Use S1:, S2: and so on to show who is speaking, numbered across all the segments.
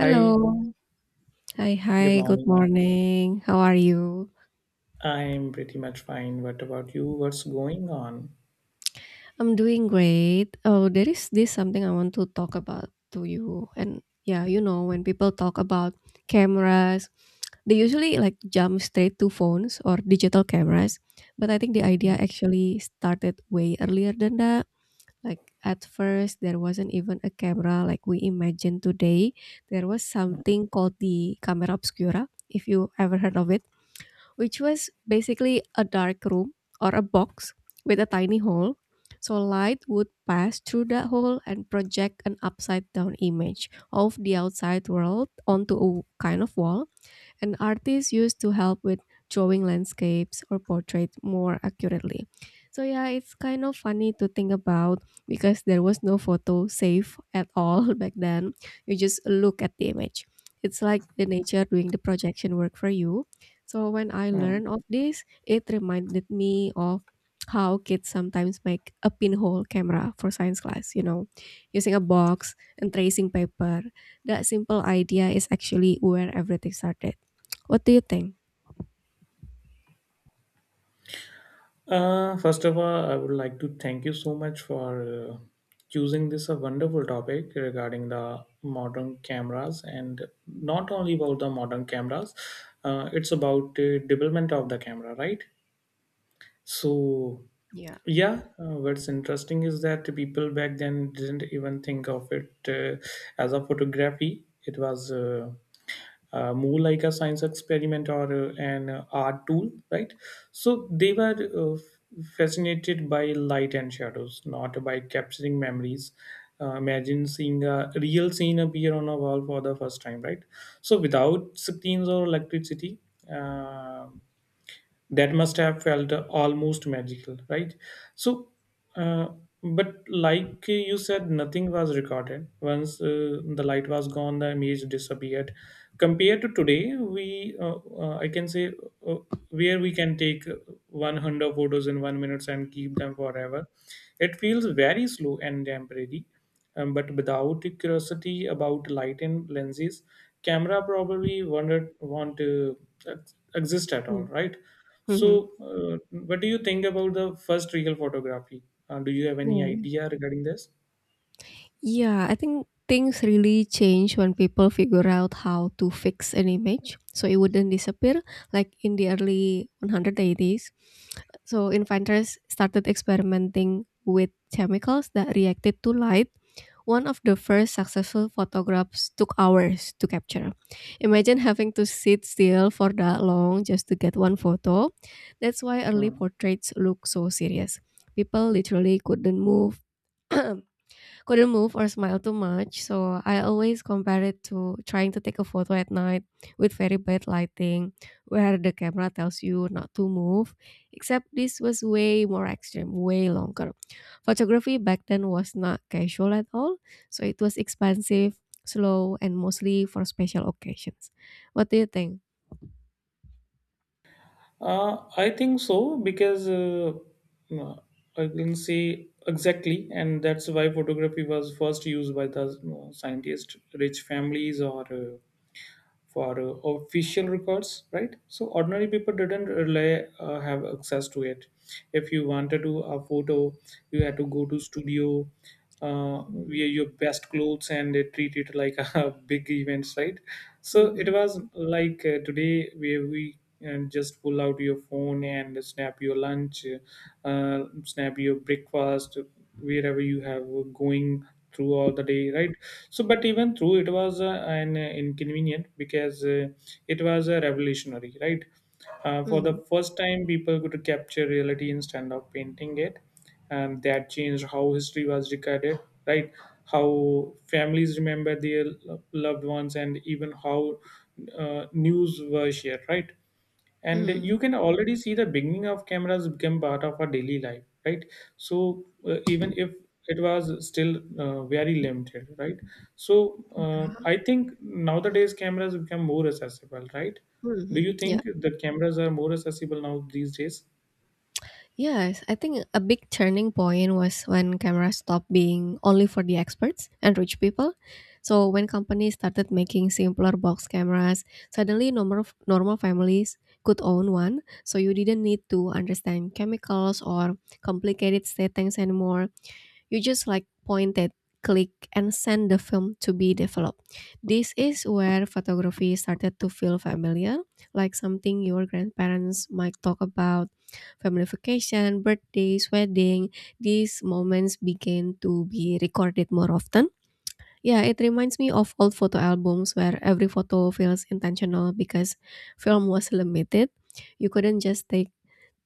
S1: Hi,
S2: Hi,
S1: good
S2: hi. Good
S1: morning.
S2: morning. How are you?
S1: I'm pretty much fine. What about you? What's going on?
S2: I'm doing great. Oh, there is this something I want to talk about to you. And yeah, you know, when people talk about cameras, they usually like jump straight to phones or digital cameras. But I think the idea actually started way earlier than that. Like at first, there wasn't even a camera like we imagine today. There was something called the camera obscura, if you ever heard of it, which was basically a dark room or a box with a tiny hole. So light would pass through that hole and project an upside down image of the outside world onto a kind of wall, and artists used to help with drawing landscapes or portraits more accurately. So yeah, it's kind of funny to think about because there was no photo safe at all back then. You just look at the image. It's like the nature doing the projection work for you. So when I
S1: Mm.
S2: learned of this, it reminded me of how kids sometimes make a pinhole camera for science class, you know, using a box and tracing paper. That simple idea is actually where everything started. What do you think?
S1: First of all, I would like to thank you so much for choosing this a wonderful topic regarding the modern cameras, and not only about the modern cameras. It's about the development of the camera, right? So,
S2: Yeah.
S1: yeah, what's interesting is that people back then didn't even think of it as a photography. It was more like a science experiment or an art tool, right? So they were fascinated by light and shadows, not by capturing memories. Imagine seeing a real scene appear on a wall for the first time, right? So without screens or electricity, uh, that must have felt almost magical, right? So uh, but like you said, nothing was recorded once the light was gone, the image disappeared. Compared to today, we I can say, uh, where we can take 100 photos in 1 minute and keep them forever. It feels very slow and temporary. But without curiosity about light and lenses, camera probably won't exist at all,
S2: Mm.
S1: right?
S2: Mhm.
S1: So, what do you think about the first real photography? Do you have any
S2: Yeah.
S1: idea regarding this?
S2: Yeah, I think things really change when people figure out how to fix an image so it wouldn't disappear like in the early 180s. So inventors started experimenting with chemicals that reacted to light. One of the first successful photographs took hours to capture. Imagine having to sit still for that long just to get one photo. That's why early
S1: Hmm.
S2: portraits look so serious. People literally couldn't move. Couldn't move or smile too much. So I always compare it to trying to take a photo at night with very bad lighting, where the camera tells you not to move. Except this was way more extreme, way longer. Photography back then was not casual at all, so it was expensive, slow, and mostly for special occasions. What do you think?
S1: I think so, because uh, I can say exactly, and that's why photography was first used by the scientist, rich families, or for official records, right? So ordinary people didn't really have access to it. If you wanted to a photo, you had to go to studio, wear
S2: Mhm,
S1: your best clothes, and they treat it like a big event, right? So it
S2: mhm,
S1: was like today where we and just pull out your phone and snap your lunch, snap your breakfast wherever you have going throughout the day, right? So but even through it was an inconvenient, because it was a revolutionary, right? For the first time, people could capture reality instead of painting it, and that changed how history was recorded, right? How families remember their loved ones, and even how news were shared, right? And you
S2: mm,
S1: can already see the beginning of cameras become part of our daily life, right? So even if it was still very limited, right? So I think nowadays cameras become more accessible, right? Do
S2: mhm,
S1: you
S2: yeah.
S1: think that cameras are more accessible now these days?
S2: Yes, I think a big turning point was when cameras stopped being only for the experts and rich people. So when companies started making simpler box cameras, suddenly normal families could own one. So you didn't need to understand chemicals or complicated settings anymore. You just like point it, click, and send the film to be developed. This is where photography started to feel familiar, like something your grandparents might talk about. Family vacation, birthdays, wedding, these moments begin to be recorded more often. Yeah, it reminds me of old photo albums where every photo feels intentional because film was limited. You couldn't just take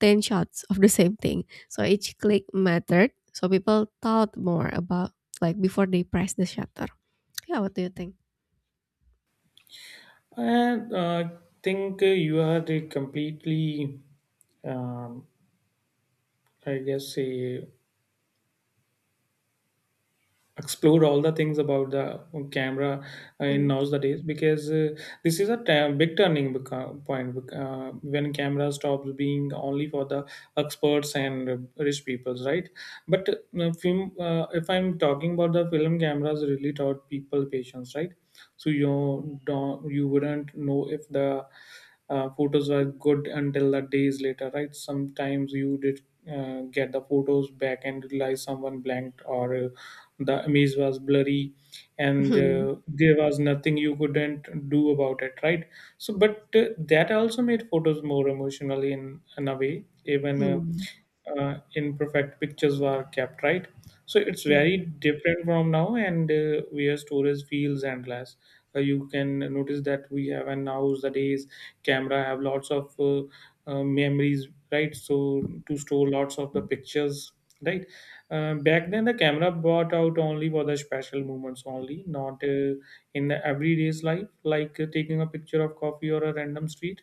S2: 10 shots of the same thing. So each click mattered. So people thought more about like before they press the shutter. Yeah, what do you think?
S1: I think you are the completely, um, I guess say, explore all the things about the camera in
S2: Mm.
S1: nowadays, because this is a big turning point when camera stops being only for the experts and rich peoples, right? But film, if I'm talking about the film cameras, really taught people patience, right? So you wouldn't know if the photos were good until the days later, right? Sometimes you did get the photos back and realize someone blanked or the image was blurry, and
S2: Mm.
S1: there was nothing you couldn't do about it, right? So, but that also made photos more emotional in a way, even
S2: Mm.
S1: imperfect pictures were kept, right? So it's
S2: Yeah.
S1: very different from now, and where storage feels endless. You can notice that we have, and nowadays camera have lots of memories, right? So to store lots of the pictures, right? Back then, the camera brought out only for the special moments only, not in the everyday's life, like taking a picture of coffee or a random street.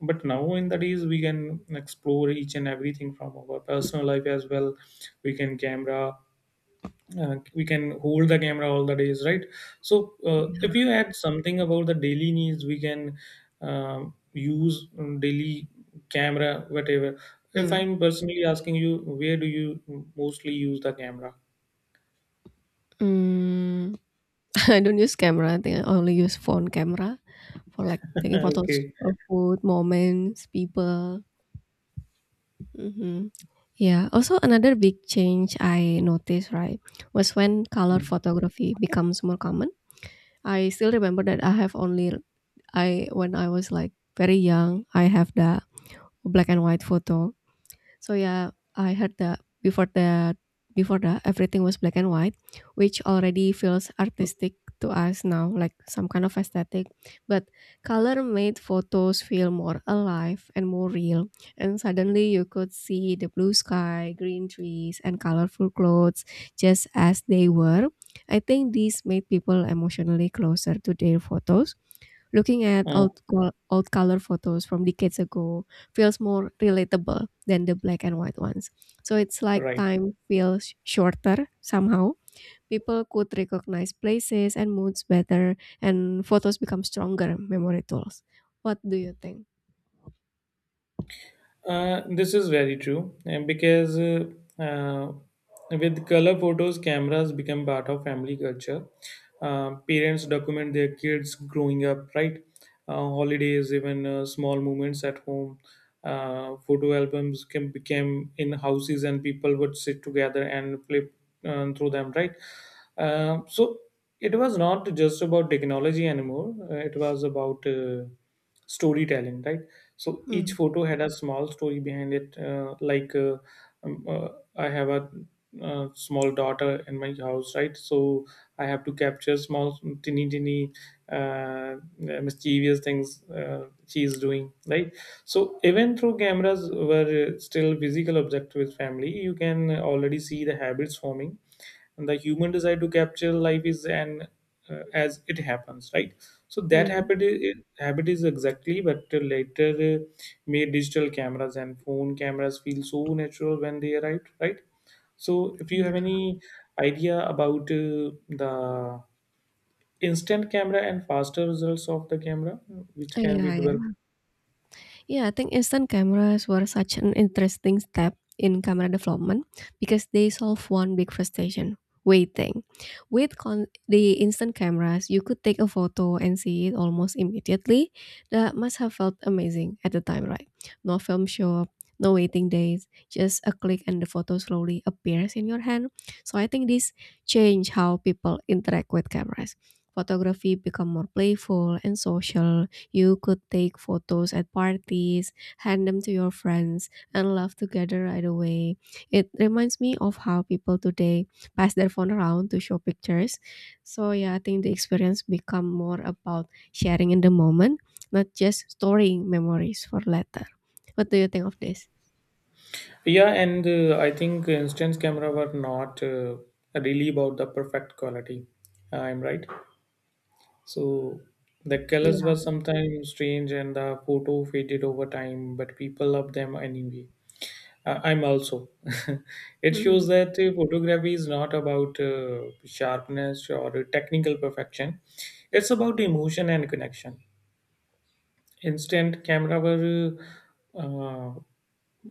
S1: But now in the days, we can explore each and everything from our personal life as well. We can camera, we can hold the camera all the days, right? So if you add something about the daily needs, we can use daily camera, whatever. If
S2: Mm.
S1: I'm personally asking you, where do you mostly use the camera?
S2: Mm. I don't use camera. I think I only use phone camera for like taking photos
S1: Okay.
S2: of food, moments, people. Hmm. Yeah. Also, another big change I noticed, right, was when color
S1: Mm.
S2: photography becomes more common. I still remember that I have only I when I was like very young, I have the black and white photo. So yeah, I heard that before that everything was black and white, which already feels artistic to us now, like some kind of aesthetic. But color made photos feel more alive and more real. And suddenly you could see the blue sky, green trees, and colorful clothes just as they were. I think these made people emotionally closer to their photos. Looking at
S1: Uh,
S2: old color photos from decades ago feels more relatable than the black and white ones. So it's like
S1: right.
S2: time feels shorter somehow. People could recognize places and moods better, and photos become stronger memory tools. What do you think?
S1: This is very true because, uh, with color photos, cameras become part of family culture. Parents document their kids growing up, right? Holidays, even small moments at home. Photo albums became in houses, and people would sit together and flip through them, right? So it was not just about technology anymore. It was about storytelling, right? So each
S2: Hmm.
S1: photo had a small story behind it, um, uh, I have a small daughter in my house, right? So I have to capture small teeny teeny mischievous things she is doing, right? So even though cameras were still physical object with family, you can already see the habits forming, and the human desire to capture life is an as it happens, right? So that
S2: Hmm.
S1: habit is exactly, but later uh, made digital cameras and phone cameras feel so natural when they arrived, right? So if you have
S2: Yeah.
S1: any idea about the instant camera and faster results of the camera which
S2: Oh,
S1: can be
S2: yeah,
S1: developed?
S2: yeah. Yeah, I think instant cameras were such an interesting step in camera development because they solve one big frustration: waiting. With the instant cameras, you could take a photo and see it almost immediately. That must have felt amazing at the time, right? No film shop, no waiting days, just a click and the photo slowly appears in your hand. So I think this changed how people interact with cameras. Photography become more playful and social. You could take photos at parties, hand them to your friends, and laugh together right away. It reminds me of how people today pass their phone around to show pictures. So yeah, I think the experience become more about sharing in the moment, not just storing memories for later. What do you think of this?
S1: Yeah, and I think instant camera were not really about the perfect quality, I'm right. So the colors
S2: Yeah.
S1: were sometimes strange and the photo faded over time, but people loved them anyway. I'm also. It
S2: Mhm.
S1: shows that photography is not about sharpness or technical perfection, it's about emotion and connection. Instant camera were, uh, uh,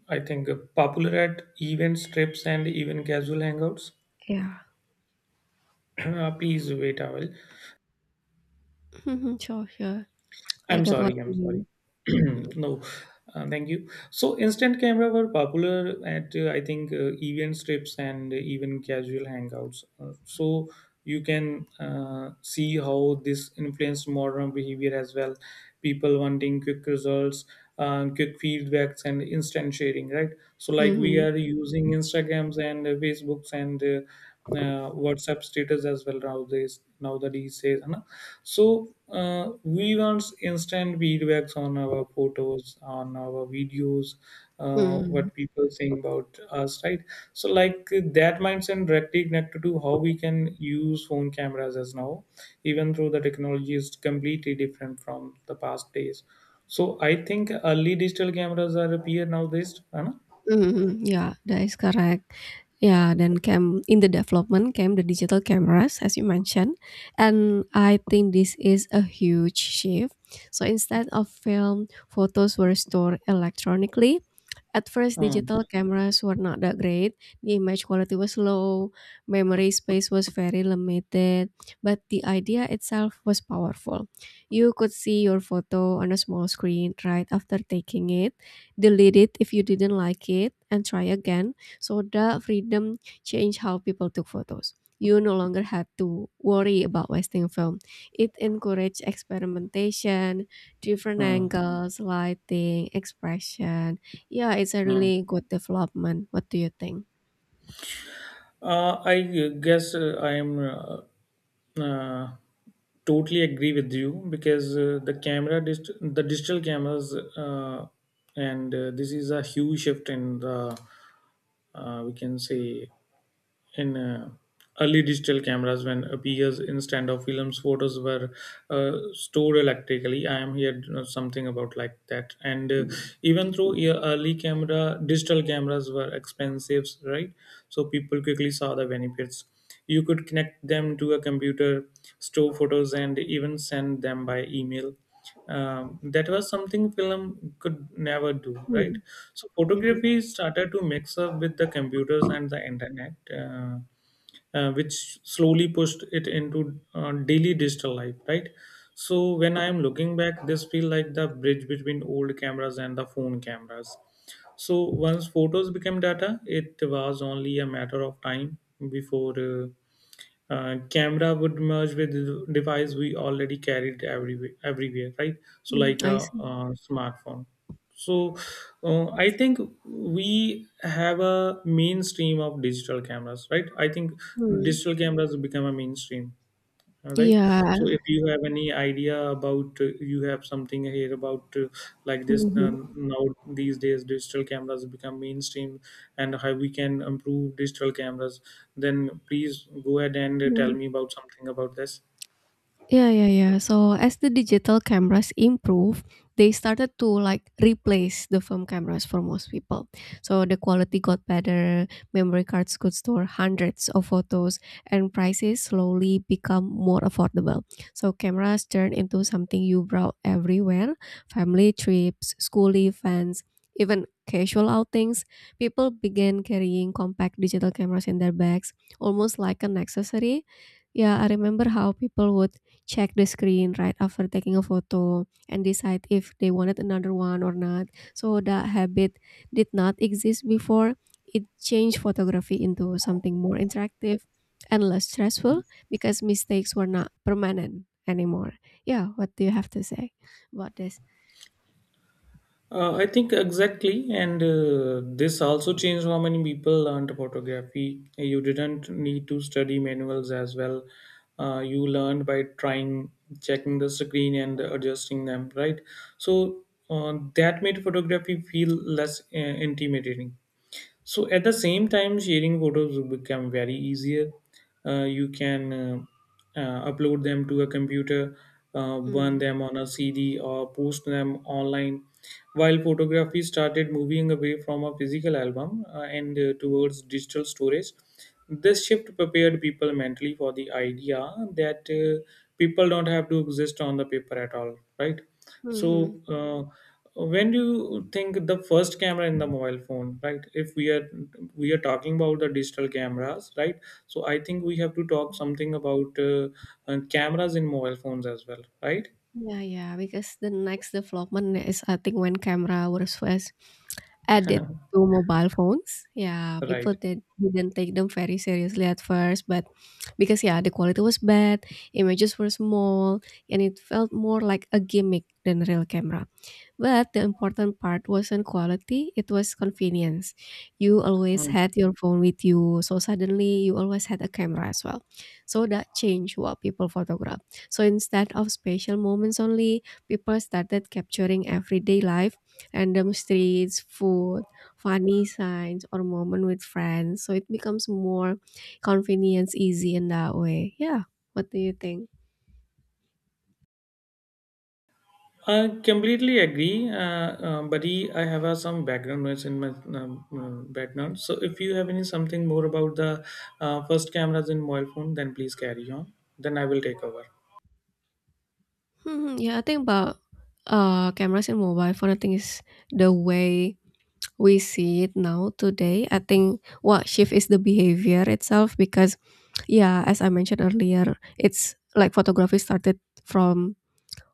S1: I think, popular at events, trips, and even casual hangouts.
S2: Yeah.
S1: Please wait a while.
S2: Mhm. Sure, sure. I
S1: I'm
S2: get what
S1: sorry, I'm
S2: you
S1: sorry.
S2: mean.
S1: No, thank you. So, instant camera were popular at I think event trips and even casual hangouts. So you can see how this influenced modern behavior as well. People wanting quick results, quick feedbacks, and instant sharing, right? So, like we
S2: Mm-hmm.
S1: are using Instagrams and Facebooks and WhatsApp status as well nowadays. Nowadays, says, so we want instant feedbacks on our photos, on our videos,
S2: Mm-hmm.
S1: what people saying about us, right? So like that mindset directly connected to how we can use phone cameras as now, even though the technology is completely different from the past days. So I think early digital cameras are appear nowadays, है ना?
S2: Mhm, yeah, that is correct. Yeah, then came in the development came the digital cameras, as you mentioned, and I think this is a huge shift. So instead of film, photos were stored electronically. At first,
S1: Hmm.
S2: digital cameras were not that great. The image quality was low, memory space was very limited, but the idea itself was powerful. You could see your photo on a small screen right after taking it, delete it if you didn't like it, and try again. So the freedom changed how people took photos. You no longer had to worry about wasting film. It encouraged experimentation, different
S1: Hmm.
S2: angles, lighting, expression. Yeah, it's a
S1: Hmm.
S2: really good development. What do you think?
S1: I guess I am uh, totally agree with you, because the the digital cameras, and this is a huge shift in the we can say, in early digital cameras when appears instead of films, photos were stored electrically. I am here, you know, something about like that, and even though, yeah, early camera digital cameras were expensive, right? So people quickly saw the benefits. You could connect them to a computer, store photos, and even send them by email. That was something film could never do, right?
S2: Mm.
S1: So
S2: Mhm.
S1: photography started to mix up with the computers and the internet, which slowly pushed it into daily digital life, right? So when I am looking back, this feel like the bridge between old cameras and the phone cameras. So once photos became data, it was only a matter of time before camera would merge with the device we already carried everywhere, right? So
S2: Mm,
S1: like a,
S2: I see.
S1: smartphone. So, I think we have a mainstream of digital cameras, right? I think
S2: Mm.
S1: digital cameras become a mainstream, all right?
S2: Yeah.
S1: So, if you have any idea about, you have something here about like this
S2: Mhm.
S1: now these days, digital cameras become mainstream, and how we can improve digital cameras, then please go ahead and tell
S2: Mhm.
S1: me about something about this.
S2: Yeah, yeah, yeah. So as the digital cameras improve, they started to like replace the film cameras for most people. So the quality got better, memory cards could store hundreds of photos, and prices slowly become more affordable. So cameras turned into something you brought everywhere, family trips, school events, even casual outings. People began carrying compact digital cameras in their bags, almost like an accessory. Yeah, I remember how people would check the screen right after taking a photo and decide if they wanted another one or not. So that habit did not exist before. It changed photography into something more interactive and less stressful because mistakes were not permanent anymore. Yeah, what do you have to say about this?
S1: I think exactly, and this also changed how many people learned photography. You didn't need to study manuals as well. You learned by trying, checking the screen and adjusting them, right? So that made photography feel less intimidating. So at the same time sharing photos will become very easier, you can upload them to a computer, burn
S2: Mm.
S1: them on a CD or post them online, while photography started moving away from a physical album, and towards digital storage. This shift prepared people mentally for the idea that people don't have to exist on the paper at all, right?
S2: Mm-hmm.
S1: So, when do you think the first camera in the mobile phone, right? If we are talking about the digital cameras, right? So I think we have to talk something about cameras in mobile phones as well, right?
S2: Yeah, yeah, because the next development is I think when camera was first added to mobile phones. Yeah,
S1: Right.
S2: didn't take them very seriously at first, but because yeah, the quality was bad, images were small, and it felt more like a gimmick than real camera. But the important part wasn't quality, it was convenience. You always
S1: Mm.
S2: had your phone with you, so suddenly you always had a camera as well. So that changed what people photograph. So instead of special moments only, people started capturing everyday life, random streets, food, funny signs, or moment with friends. So it becomes more convenience easy in that way. Yeah. What do you think?
S1: I completely agree, buddy. I have some background noise in my background. So if you have any something more about the first cameras in mobile phone, then please carry on. Then I will take over.
S2: Mhm, yeah, I think about cameras in mobile phone, I think is the way we see it now today. I think what shift is the behavior itself because, yeah, as I mentioned earlier, it's like photography started from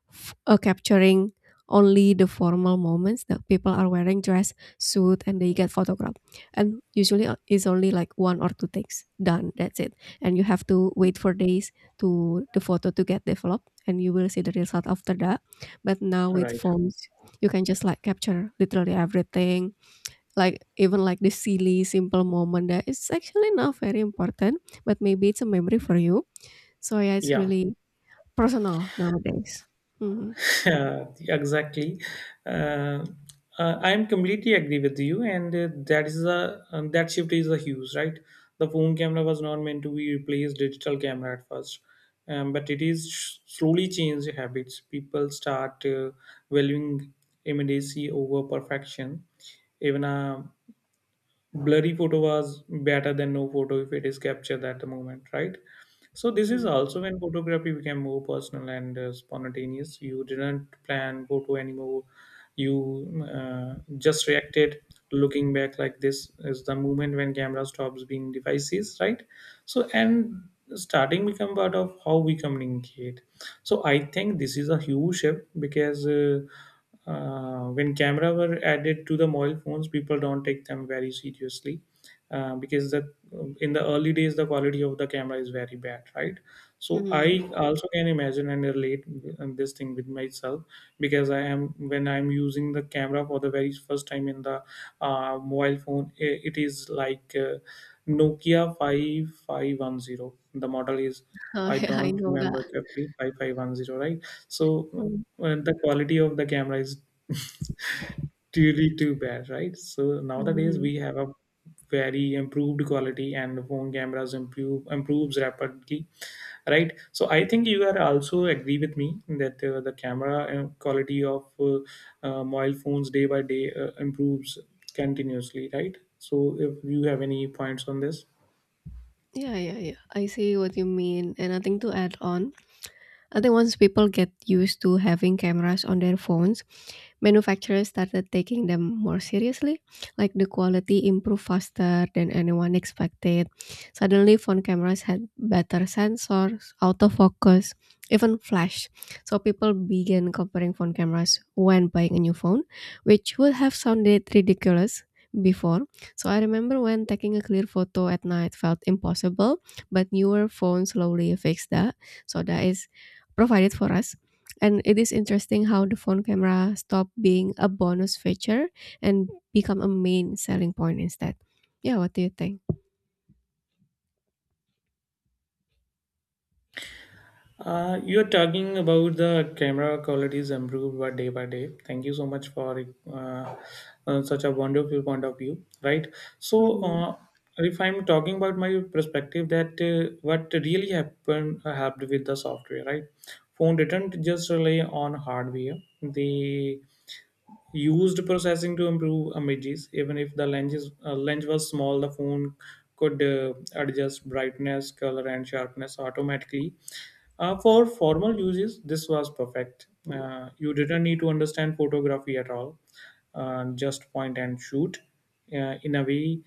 S2: capturing only the formal moments that people are wearing dress suit and they get photographed, and usually it's only like one or two takes done, that's it, and you have to wait for days to the photo to get developed and you will see the result after that. But now with
S1: Right.
S2: phones you can just like capture literally everything, like even like the silly simple moment that is actually not very important but maybe it's a memory for you. So yeah, it's
S1: Yeah.
S2: really personal nowadays. Mhm.
S1: Yeah, exactly. Uh, I am completely agree with you, and that is a that shift is a huge right. The phone camera was not meant to be replaced digital camera at first, but it is slowly changed habits. People start valuing immediacy over perfection. Even a blurry photo was better than no photo if it is captured at the moment, right? So this is
S2: Mhm,
S1: also when photography became more personal and spontaneous. You didn't plan photo anymore, you just reacted. Looking back, like, this is the moment when camera stops being devices, right? So and starting become part of how we communicate. So I think this is a huge shift because when camera were added to the mobile phones, people don't take them very seriously because the, in the early days the quality of the camera is very bad, right? So
S2: mhm.
S1: I also can imagine and relate in this thing with myself because I am when I'm using the camera for the very first time in the mobile phone. It is like Nokia 5510. The model is,
S2: I
S1: I
S2: I
S1: don't
S2: know that.
S1: remember correctly, 5510, right? So
S2: Mm,
S1: the quality of the camera is really too bad, right? So nowadays
S2: mhm.
S1: we have a very improved quality and the phone cameras improves rapidly, right? So I think you are also agree with me that the camera quality of mobile phones day by day improves continuously, right? So if you have any points on this.
S2: Yeah, yeah, yeah. I see what you mean, and nothing to add on. I think once people get used to having cameras on their phones, manufacturers started taking them more seriously. Like the quality improved faster than anyone expected. Suddenly, phone cameras had better sensors, autofocus, even flash. So people began comparing phone cameras when buying a new phone, which would have sounded ridiculous before. So I remember when taking a clear photo at night felt impossible, but newer phones slowly fixed that. So that is provided for us. And it is interesting how the phone camera stopped being a bonus feature and become a main selling point instead. Yeah, what do you think?
S1: You're talking about the camera qualities improved by day by day. Thank you so much for uh, such a wonderful point of view, right? So,
S2: Mm,
S1: if I'm talking about my perspective, that what really happened helped with the software, right? Phone didn't just rely on hardware; they used processing to improve images even if the lens is, lens was small. The phone could adjust brightness, color, and sharpness automatically. For formal uses this was perfect. You didn't need to understand photography at all, just point and shoot. In a way,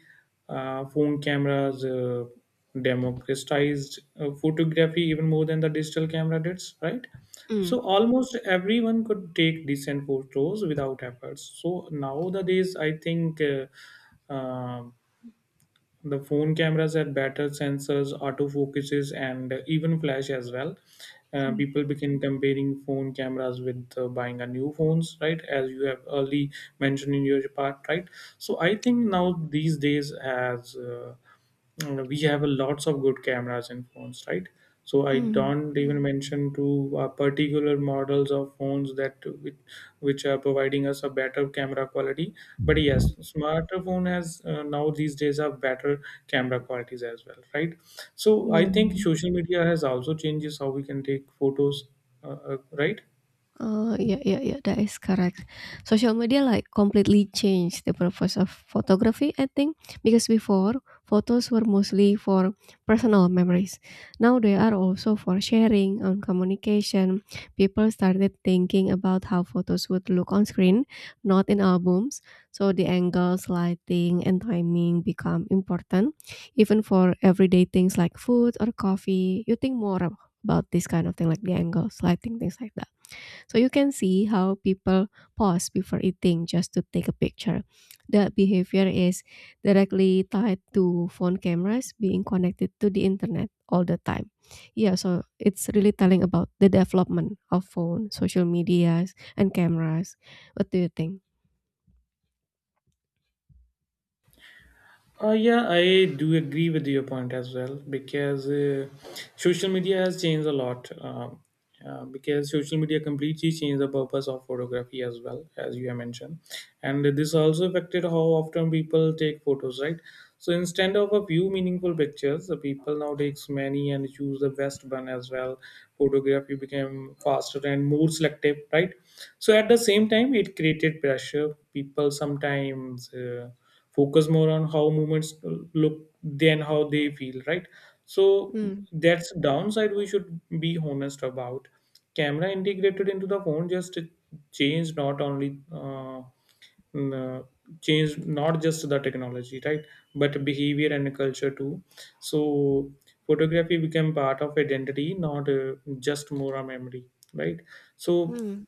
S1: phone cameras democratized photography even more than the digital camera did, right? So
S2: mm,
S1: almost everyone could take decent photos without efforts. So nowadays, I think uh, the phone cameras have better sensors, autofocuses, and even flash as well.
S2: mm,
S1: People begin comparing phone cameras with buying a new phones, right? As you have early mentioned in your part, right? So I think now these days has. We have a lots of good cameras in phones, right? So I
S2: mm.
S1: don't even mention to particular models of phones that which are providing us a better camera quality, but yes, smartphone has now these days have better camera qualities as well, right? So I
S2: Yeah.
S1: think social media has also changes how we can take photos, right.
S2: Oh, yeah, yeah, yeah, that is correct. Social media like completely changed the purpose of photography, I think, because before photos were mostly for personal memories. Now they are also for sharing and communication. People started thinking about how photos would look on screen, not in albums. So the angles, lighting, and timing become important, even for everyday things like food or coffee. You think more about this kind of thing, like the angles, lighting, things like that. So you can see how people pause before eating just to take a picture. That behavior is directly tied to phone cameras being connected to the internet all the time. Yeah, so it's really telling about the development of phone, social medias, and cameras. What do you think?
S1: Yeah, I do agree with your point as well because social media has changed a lot. Because social media completely changed the purpose of photography as well, as you have mentioned, and this also affected how often people take photos, right? So instead of a few meaningful pictures, the people now takes many and choose the best one as well. Photography became faster and more selective, right? So at the same time, it created pressure. People sometimes. Focus more on how movements look than how they feel, right? So
S2: Mm,
S1: that's downside we should be honest about. Camera integrated into the phone just change not only n- change not just the technology, right? But behavior and culture too. So photography became part of identity, not just more a memory, right? So
S2: mm,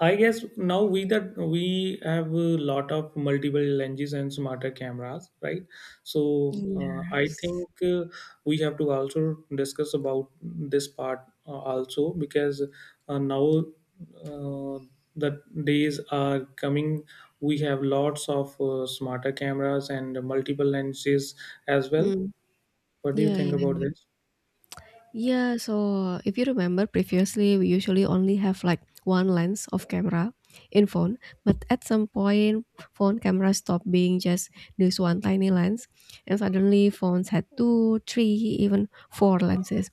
S1: I guess now we that we have a lot of multiple lenses and smarter cameras, right? So I
S2: yes.
S1: think we have to also discuss about this part also because now uh, the days are coming. We have lots of smarter cameras and multiple lenses as well.
S2: Mm,
S1: What do you
S2: yeah,
S1: think
S2: yeah.
S1: about this?
S2: Yeah, so if you remember previously, we usually only have like one lens of camera in phone, but at some point, phone camera stopped being just this one tiny lens, and suddenly phones had two, three, even four lenses.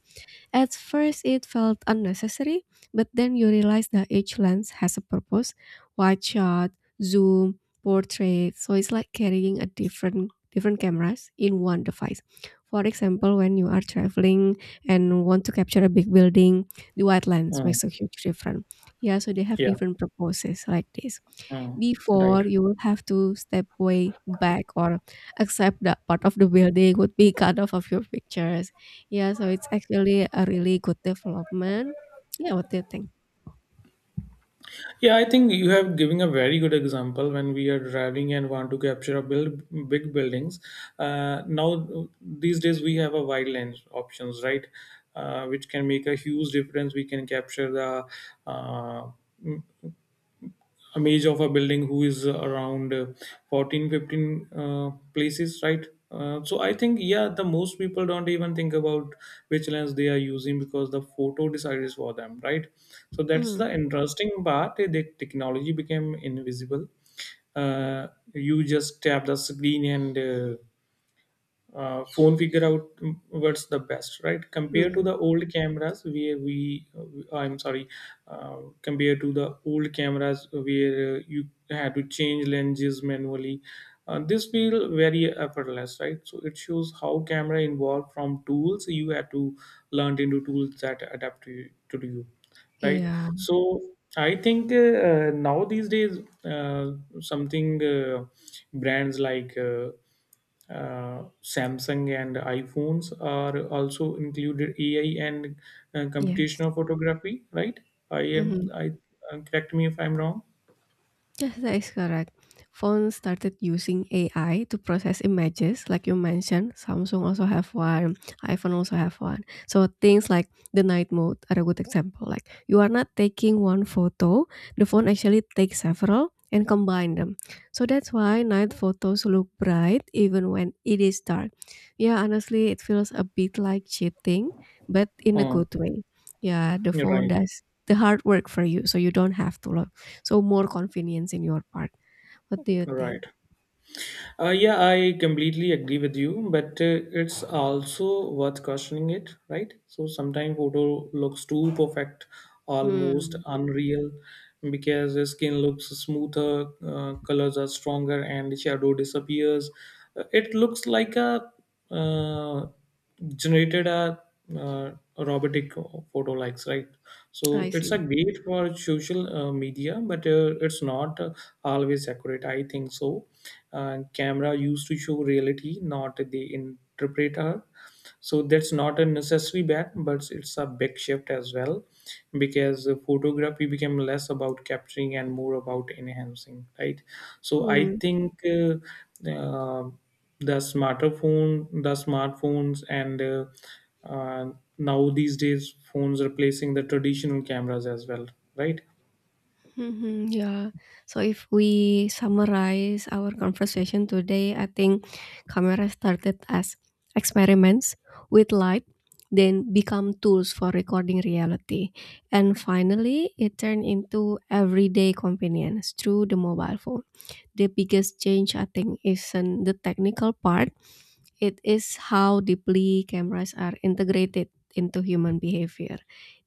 S2: At first, it felt unnecessary, but then you realize that each lens has a purpose: wide shot, zoom, portrait. So it's like carrying a different cameras in one device. For example, when you are traveling and want to capture a big building, the wide lens
S1: Mm,
S2: makes a huge difference. Yeah, so they have
S1: yeah,
S2: different purposes like this.
S1: mm, right.
S2: Before you will have to step way back or accept that part of the building would be cut off of your pictures. Yeah, so it's actually a really good development. Yeah, what do you think?
S1: Yeah, I think you have given a very good example when we are driving and want to capture a build big buildings. Now these days we have a wide lens options, right? Which can make a huge difference. We can capture the uh, a image of a building who is around 14 15 places, right? So I think, yeah, the most people don't even think about which lens they are using because the photo decides for them, right? So that's
S2: Mm,
S1: the interesting part, the technology became invisible. uh, you just tap the screen and phone figure out what's the best, right? Compared to
S2: mm.
S1: the old cameras where we I'm sorry, compared to the old cameras where you had to change lenses manually. This feel very effortless, right? So it shows how camera evolved from tools you had to learn into tools that adapt to to you, right?
S2: Yeah,
S1: So I think now these days uh, something brands like Samsung and iPhones are also included AI and
S2: yes.
S1: computational photography, right?
S2: Mhm.
S1: I correct me if I'm wrong.
S2: Yes, that is correct. Phones started using AI to process images, like you mentioned. Samsung also have one, iPhone also have one. So things like the night mode are a good example. Like you are not taking one photo, the phone actually takes several and combine them. So that's why night photos look bright even when it is dark. Yeah, honestly, it feels a bit like cheating, but in a
S1: Oh,
S2: good way. Yeah, the
S1: you're
S2: phone
S1: right,
S2: does the hard work for you, so you don't have to so more confidence in your part. What do you
S1: right.
S2: think?
S1: Yeah, I completely agree with you, but it's also worth questioning it, right? So sometimes photo looks too perfect, almost
S2: Mm,
S1: unreal, because the skin looks smoother, colors are stronger, and shadow disappears. It looks like a uh, generated a uh, robotic photo likes, right? So
S2: I
S1: it's a
S2: see.
S1: great for social media, but it's not always accurate I think so. Camera used to show reality, not they interpret her. So that's not a necessary bad, but it's a big shift as well, because photography became less about capturing and more about enhancing, right? So I
S2: Mm,
S1: think uh, the smartphone the smartphones and uh, now these days phones replacing the traditional cameras as well, right.
S2: mhm, yeah. So if we summarize our conversation today, I think camera started as experiments with light, then become tools for recording reality, and finally it turned into everyday companions through the mobile phone. The biggest change I think isn't the technical part. It is how deeply cameras are integrated into human behavior.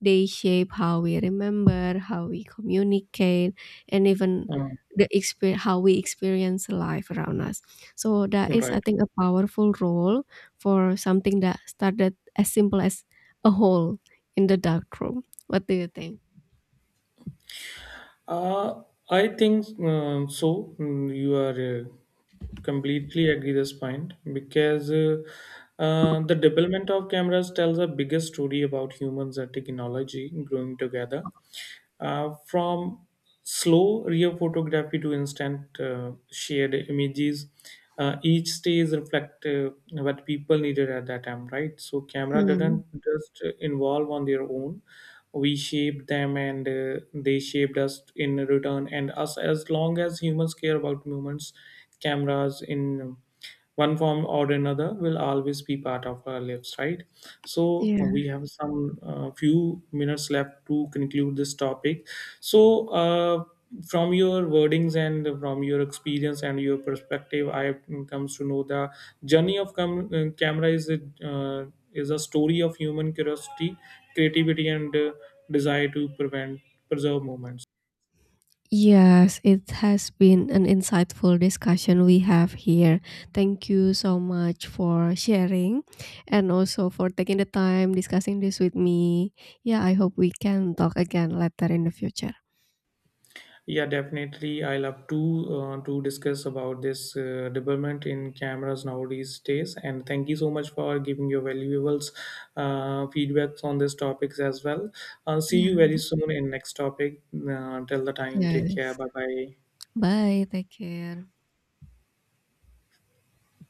S2: They shape how we remember, how we communicate, and even
S1: Um,
S2: the how we experience life around us. So that is,
S1: right.
S2: I think, a powerful role for something that started as simple as a hole in the dark room. What do you think?
S1: Uh, I think so. Mm, you are completely agree this point because the development of cameras tells a biggest story about humans and technology growing together. From slow rear photography to instant shared images, each stage reflect what people needed at that time, right? So camera
S2: Hmm.
S1: didn't just involve on their own. We shaped them and they shaped us in return. And us, as long as humans care about moments, cameras in one form or another will always be part of our lives, right? So
S2: Yeah.
S1: we have some few minutes left to conclude this topic. So from your wordings and from your experience and your perspective, I have comes to know the journey of camera uh, is a story of human curiosity, creativity, and desire to prevent preserve moments.
S2: Yes, it has been an insightful discussion we have here. Thank you so much for sharing and also for taking the time discussing this with me. Yeah, I hope we can talk again later in the future.
S1: Yeah, definitely. I love to discuss about this development in cameras nowadays days. And thank you so much for giving your valuable feedbacks on these topics as well. See
S2: Yeah,
S1: you very soon in next topic. Till the time, take care.
S2: yes.
S1: Bye bye.
S2: Bye, take care.